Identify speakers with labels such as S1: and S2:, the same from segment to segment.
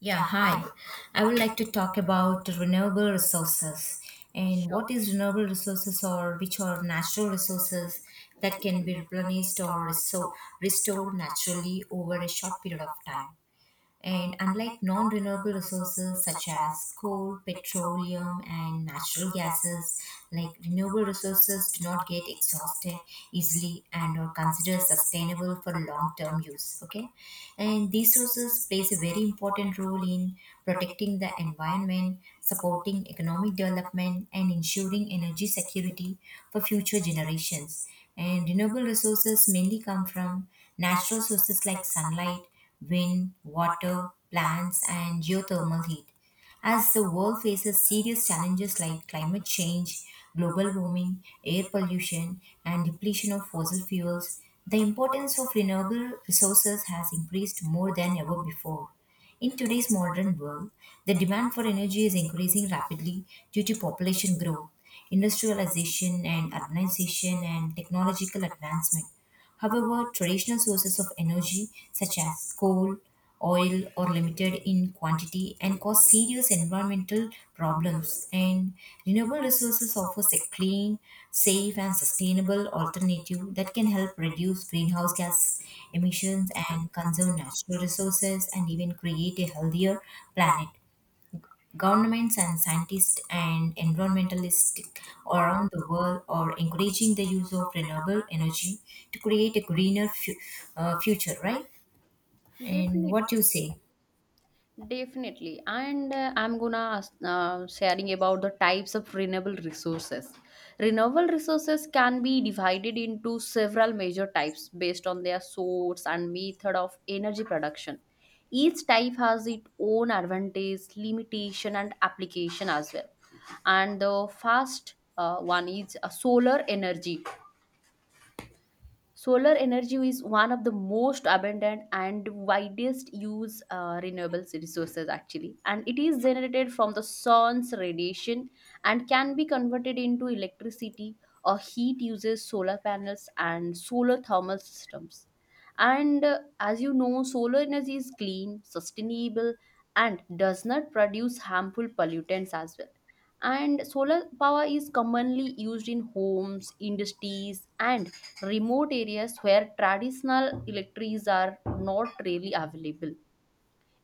S1: Yeah, hi. I would like to talk about renewable resources and
S2: Sure,
S1: what is renewable resources or which are natural resources that can be replenished or so restored naturally over a short period of time. And unlike non-renewable resources such as coal, petroleum, and natural gases, like renewable resources do not get exhausted easily and are considered sustainable for long-term use. Okay, and these sources plays a very important role in protecting the environment, supporting economic development and ensuring energy security for future generations. And renewable resources mainly come from natural sources like sunlight, wind, water, plants and geothermal heat as the world faces serious challenges like climate change, global warming, air pollution, and depletion of fossil fuels, the importance of renewable resources has increased more than ever before. In today's modern world, the demand for energy is increasing rapidly due to population growth, industrialization and urbanization and technological advancement. However, traditional sources of energy, such as coal, oil, are limited in quantity and cause serious environmental problems, and renewable resources offers a clean, safe, and sustainable alternative that can help reduce greenhouse gas emissions and conserve natural resources and even create a healthier planet. Governments and scientists and environmentalists around the world are encouraging the use of renewable energy to create a greener future, right? And what do you
S2: definitely,
S1: say?
S2: definitely. And I'm gonna ask, sharing about the types of renewable resources. Renewable resources can be divided into several major types based on their source and method of energy production. Each type has its own advantage, limitation, and application as well. And the first one is solar energy. Solar energy is one of the most abundant and widest used renewable resources, actually, and it is generated from the sun's radiation and can be converted into electricity or heat uses solar panels and solar thermal systems. And as you know, solar energy is clean, sustainable, and does not produce harmful pollutants as well, and solar power is commonly used in homes, industries, and remote areas where traditional electrics are not really available,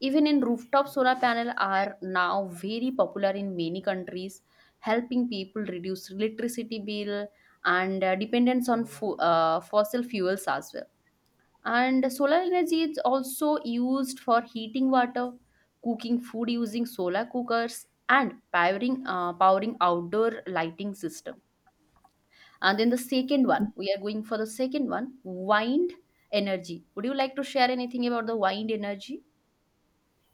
S2: even in rooftop solar panels are now very popular in many countries, helping people reduce electricity bill and dependence on fossil fuels as well. And solar energy is also used for heating water, cooking food using solar cookers, and powering outdoor lighting system. And then the second one, we are going for the second one, wind energy. Would you like to share anything about the wind energy?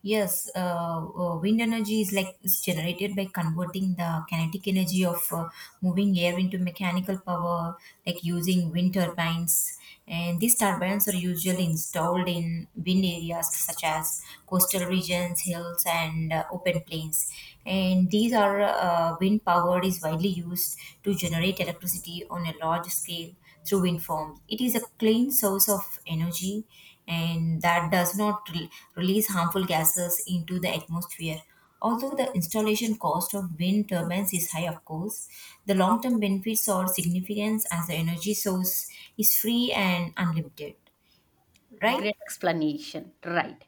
S1: Yes, wind energy is like is generated by converting the kinetic energy of moving air into mechanical power, like using wind turbines. And these turbines are usually installed in wind areas such as coastal regions, hills, and open plains. And these are wind power is widely used to generate electricity on a large scale through wind farms. It is a clean source of energy and that does not release harmful gases into the atmosphere. Although the installation cost of wind turbines is high, of course, the long term benefits are significant as the energy source is free and unlimited, right?
S2: Great explanation. Right.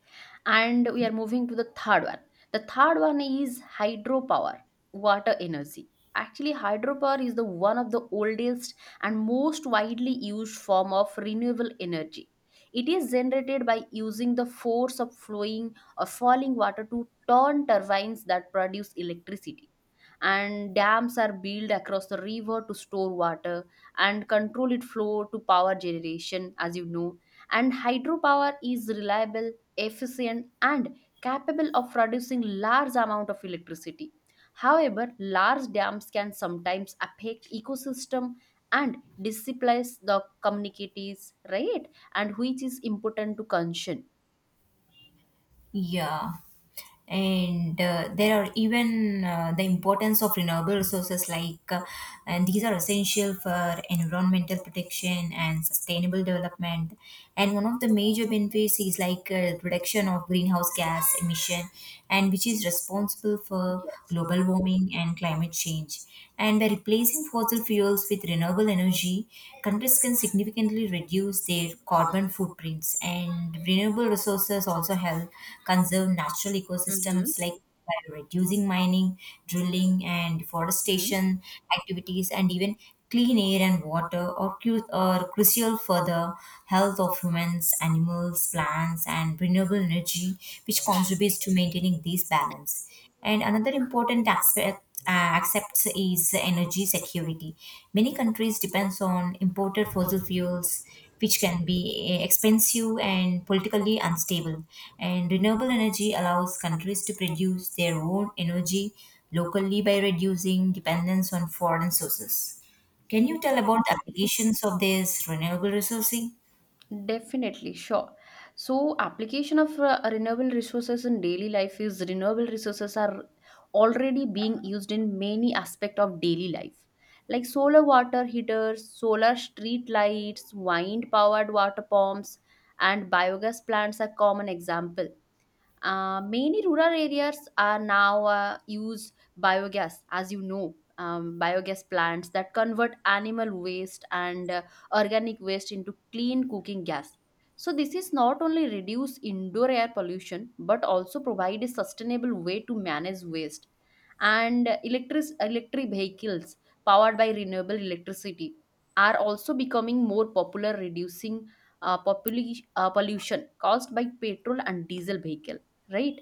S2: And we are moving to the third one. The third one is hydropower, water energy. Actually, hydropower is the one of the oldest and most widely used form of renewable energy. It is generated by using the force of flowing or falling water to turn turbines that produce electricity, and dams are built across the river to store water and control its flow to power generation, as you know. And hydropower is reliable, efficient, and capable of producing large amount of electricity. However, large dams can sometimes affect ecosystem and displace the communities, right? And which is important to concern.
S1: Yeah. And there are even the importance of renewable resources like, and these are essential for environmental protection and sustainable development. And one of the major benefits is like reduction of greenhouse gas emission, and which is responsible for
S2: Yes.
S1: global warming and climate change. And by replacing fossil fuels with renewable energy, countries can significantly reduce their carbon footprints. And renewable resources also help conserve natural
S2: Mm-hmm.
S1: ecosystems like by reducing mining, drilling, and deforestation activities, and even clean air and water are, are crucial for the health of humans, animals, plants, and renewable energy, which contributes to maintaining this balance. And another important aspect uh, accepts is energy security. Many countries depends on imported fossil fuels, which can be expensive and politically unstable. And renewable energy allows countries to produce their own energy locally by reducing dependence on foreign sources. Can you tell about the applications of this renewable resourcing?
S2: Definitely, sure. So, application of renewable resources in daily life is renewable resources are already being used in many aspect of daily life, like solar water heaters, solar street lights, wind powered water pumps, and biogas plants are common examples. Many rural areas are now use biogas, as you know, biogas plants that convert animal waste and organic waste into clean cooking gas. So this is not only reduce indoor air pollution but also provide a sustainable way to manage waste. And electric vehicles powered by renewable electricity are also becoming more popular, reducing pollution caused by petrol and diesel vehicle, right?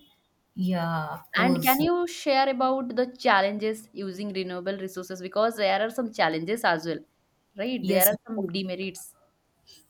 S1: Yeah, of
S2: And can
S1: course.
S2: you share about the challenges using renewable resources? Because there are some challenges as well, right? There
S1: Yes,
S2: are
S1: of
S2: some
S1: course.
S2: demerits.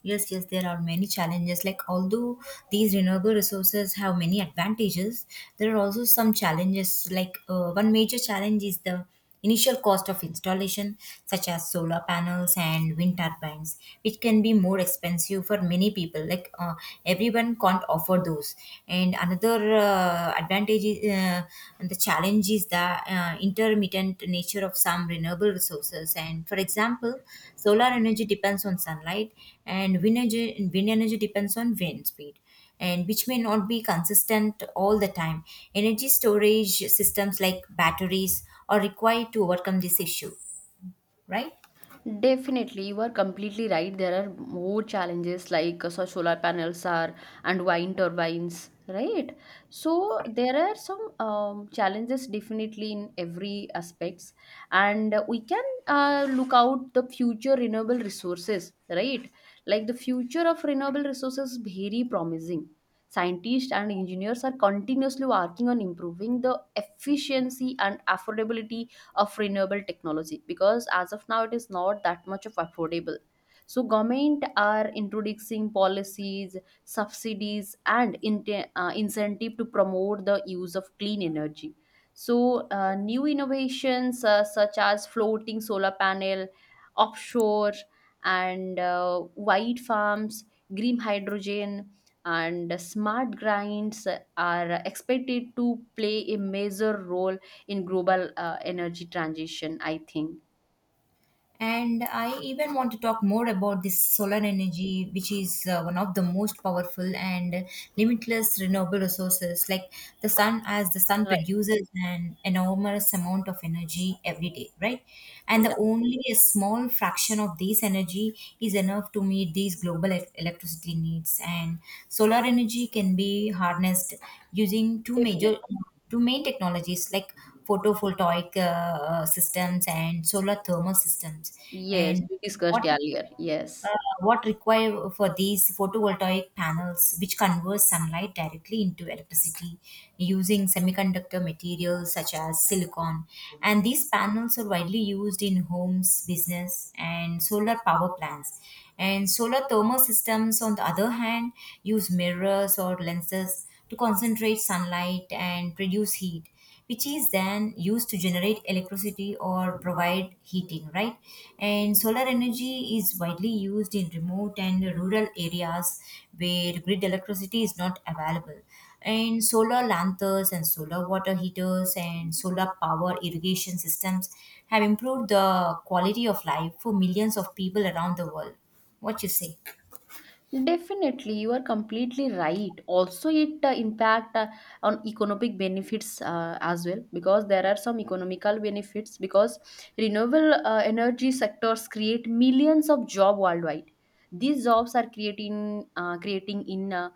S1: Yes, yes, there are many challenges. Like, although these renewable resources have many advantages, there are also some challenges. Like, one major challenge is the initial cost of installation, such as solar panels and wind turbines, which can be more expensive for many people. Like, everyone can't afford those. And another advantage is, and the challenge is the intermittent nature of some renewable resources and for example solar energy depends on sunlight and wind energy depends on wind speed and which may not be consistent all the time energy storage systems like batteries are required to overcome this issue, right?
S2: Definitely, you are completely right. There are more challenges like so solar panels are and wind turbines, right? So there are some challenges definitely in every aspects, and we can look out the future renewable resources, right? Like the future of renewable resources is very promising. Scientists and engineers are continuously working on improving the efficiency and affordability of renewable technology, because as of now it is not that much of affordable. So government are introducing policies, subsidies, and in incentive to promote the use of clean energy. So new innovations such as floating solar panel offshore, and white farms, green hydrogen, and smart grinds are expected to play a major role in global energy transition, I think.
S1: And I even want to talk more about this solar energy, which is one of the most powerful and limitless renewable resources. Like the sun, as the sun
S2: Right.
S1: produces an enormous amount of energy every day, right? And the
S2: Yeah.
S1: only a small fraction of this energy is enough to meet these global electricity needs. And solar energy can be harnessed using
S2: Definitely.
S1: two main technologies like photovoltaic systems and solar thermal systems.
S2: Yes,
S1: And
S2: we
S1: what
S2: discussed
S1: is
S2: earlier.
S1: uh,
S2: Yes.
S1: what require for these photovoltaic panels which converts sunlight directly into electricity using semiconductor materials such as silicon and these panels are widely used in homes business and solar power plants and solar thermal systems on the other hand use mirrors or lenses to concentrate sunlight and reduce heat which is then used to generate electricity or provide heating, right? And solar energy is widely used in remote and rural areas where grid electricity is not available. And solar lanterns and solar water heaters and solar power irrigation systems have improved the quality of life for millions of people around the world. What you say?
S2: Definitely, you are completely right. Also, it impact on economic benefits as well, because there are some economical benefits because renewable energy sectors create millions of job worldwide. These jobs are creating in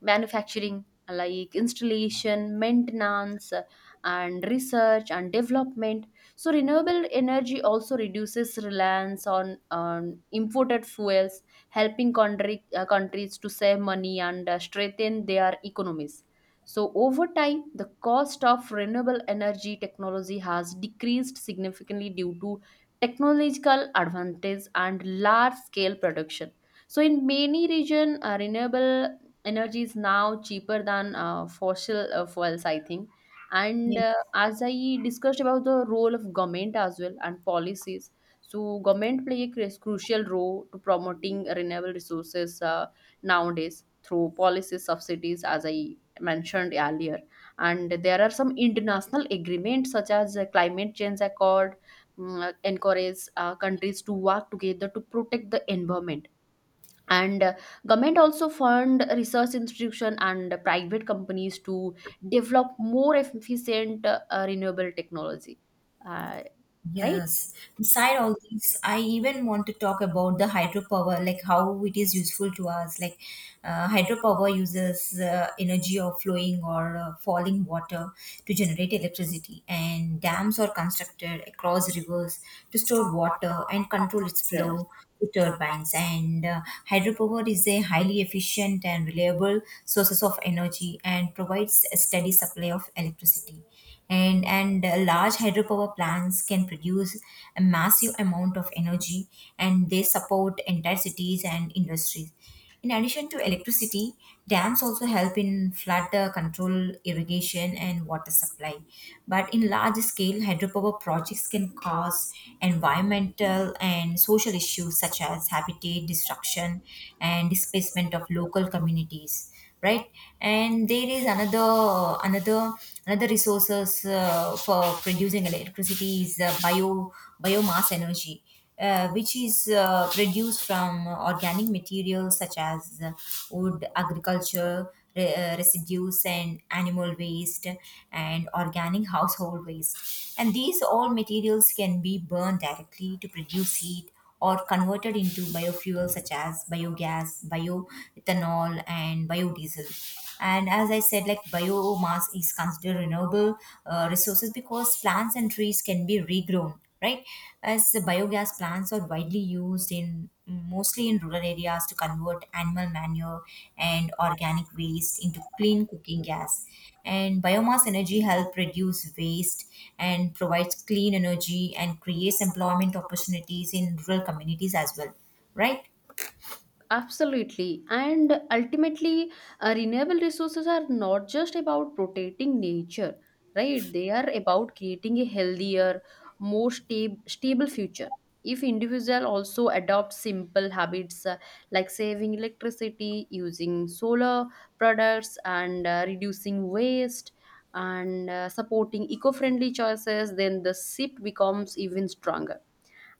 S2: manufacturing, like installation, maintenance, and research and development. So, renewable energy also reduces reliance on imported fuels, helping countries to save money and strengthen their economies. So, over time, the cost of renewable energy technology has decreased significantly due to technological advantage and large scale production. So, in many regions, renewable energy is now cheaper than fossil fuels, I think. And
S1: Yeah.
S2: as I discussed about the role of government as well and policies, so government play a crucial role to promoting renewable resources nowadays through policies, subsidies, as I mentioned earlier. And there are some international agreements such as the Climate Change Accord encourage countries to work together to protect the environment. And government also fund research institution and private companies to develop more efficient renewable technology. Uh, right?
S1: Yes. Beside all these, I even want to talk about the hydropower, like how it is useful to us. Like hydropower uses energy of flowing or falling water to generate electricity, and dams are constructed across rivers to store water and control its
S2: Yes.
S1: flow to turbines. And hydropower is a highly efficient and reliable sources of energy and provides a steady supply of electricity and large hydropower plants can produce a massive amount of energy and they support entire cities and industries in addition to electricity dams also help in flood control irrigation and water supply but in large scale hydropower projects can cause environmental and social issues such as habitat destruction and displacement of local communities, right? And there is another resources for producing electricity is biomass energy, which is produced from organic materials such as wood agriculture residues and animal waste and organic household waste and these all materials can be burned directly to produce heat or converted into biofuels such as biogas, bioethanol, and biodiesel. And as I said, like biomass is considered renewable resources because plants and trees can be regrown, right? As the biogas plants are widely used in mostly in rural areas to convert animal manure and organic waste into clean cooking gas. And biomass energy help reduce waste and provides clean energy and creates employment opportunities in rural communities as well, right?
S2: Absolutely. And ultimately, renewable resources are not just about protecting nature, right? They are about creating a healthier, more stable future. If individual also adopt simple habits like saving electricity, using solar products, and reducing waste, and supporting eco-friendly choices, then the shift becomes even stronger.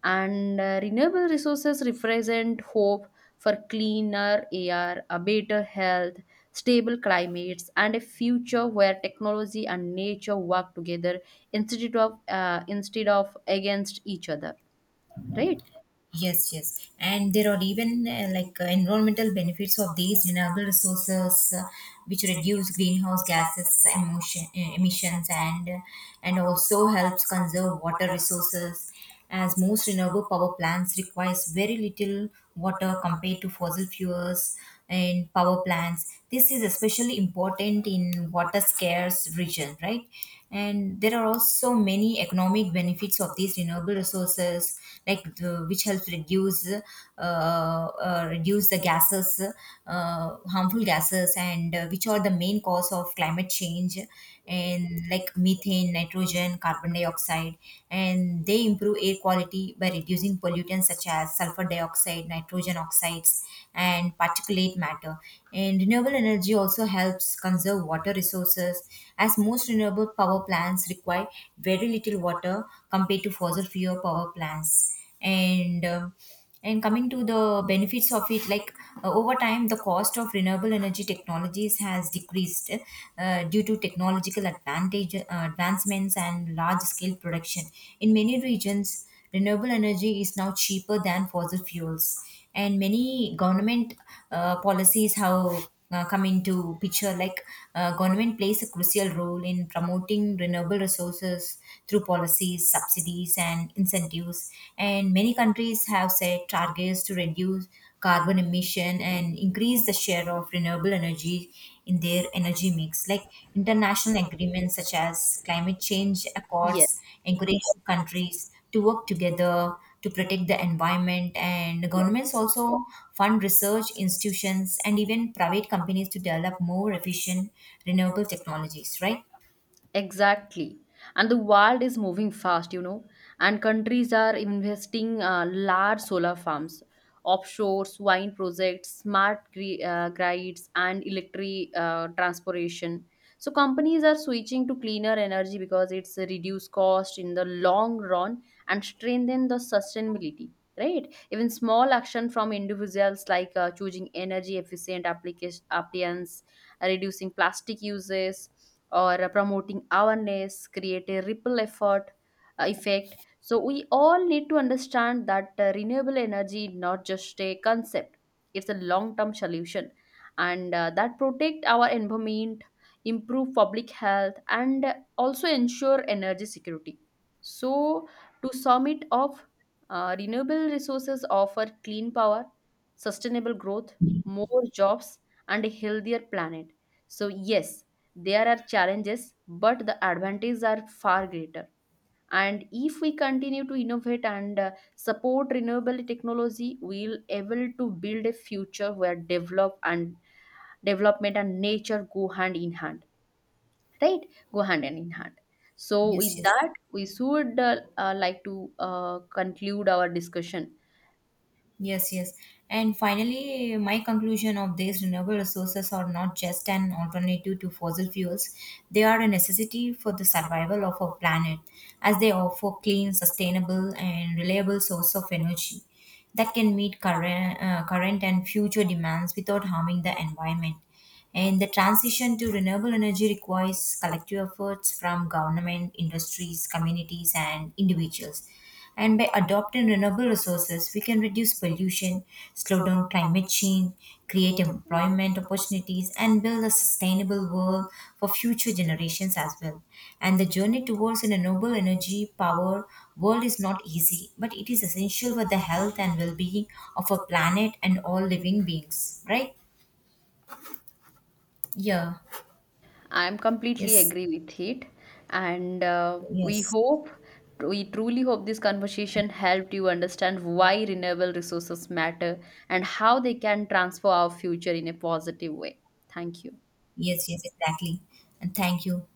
S2: And renewable resources represent hope for cleaner air, a better health, stable climates, and a future where technology and nature work together instead of against each other. Right?
S1: Yes, yes. And there are even like environmental benefits of these renewable resources which reduce greenhouse gases emotion, emissions and also helps conserve water resources as most renewable power plants requires very little water compared to fossil fuels and power plants. This is especially important in water scarce region, right? And there are also many economic benefits of these renewable resources, like the, which helps reduce reduce the gases, harmful gases, and which are the main cause of climate change, and like methane, nitrogen, carbon dioxide, and they improve air quality by reducing pollutants such as sulfur dioxide, nitrogen oxides, and particulate matter. And renewable energy also helps conserve water resources, as most renewable power plants require very little water compared to fossil fuel power plants. And coming to the benefits of it like over time the cost of renewable energy technologies has decreased due to technological advantage advancements and large scale production in many regions renewable energy is now cheaper than fossil fuels and many government policies have come into picture like government plays a crucial role in promoting renewable resources through policies subsidies and incentives and many countries have set targets to reduce carbon emission and increase the share of renewable energy in their energy mix like international agreements such as climate change accords
S2: Yes.
S1: encourage countries to work together to protect the environment and governments also fund research institutions and even private companies to develop more efficient renewable technologies, right?
S2: Exactly. And the world is moving fast, you know, and countries are investing large solar farms, offshores, wind projects, grids, and electric transportation. So companies are switching to cleaner energy because it's a reduced cost in the long run and strengthen the sustainability. Right. Even small action from individuals like choosing energy efficient application appliance, reducing plastic uses, or promoting awareness create a ripple effort effect. So we all need to understand that renewable energy is not just a concept, it's a long term solution, and that protect our environment, improve public health, and also ensure energy security. So, to sum it up, renewable resources offer clean power, sustainable growth, more jobs, and a healthier planet. So yes, there are challenges, but the advantages are far greater. And if we continue to innovate and support renewable technology, we'll able to build a future where development and nature go hand in hand, right? Go hand in hand. So
S1: Yes,
S2: with
S1: yes.
S2: that, we should like to conclude our discussion.
S1: Yes, yes. And finally, my conclusion of these renewable resources are not just an alternative to fossil fuels, they are a necessity for the survival of our planet, as they offer clean, sustainable, and reliable source of energy that can meet current and future demands without harming the environment. And the transition to renewable energy requires collective efforts from government, industries, communities, and individuals. And by adopting renewable resources, we can reduce pollution, slow down climate change, create employment opportunities, and build a sustainable world for future generations as well. And the journey towards a renewable energy power world is not easy, but it is essential for the health and well being of our planet and all living beings, right? Yeah,
S2: I'm completely
S1: yes.
S2: agree with it, and
S1: Yes,
S2: we truly hope this conversation helped you understand why renewable resources matter and how they can transform our future in a positive way. Thank you.
S1: yes, yes, exactly. And thank you.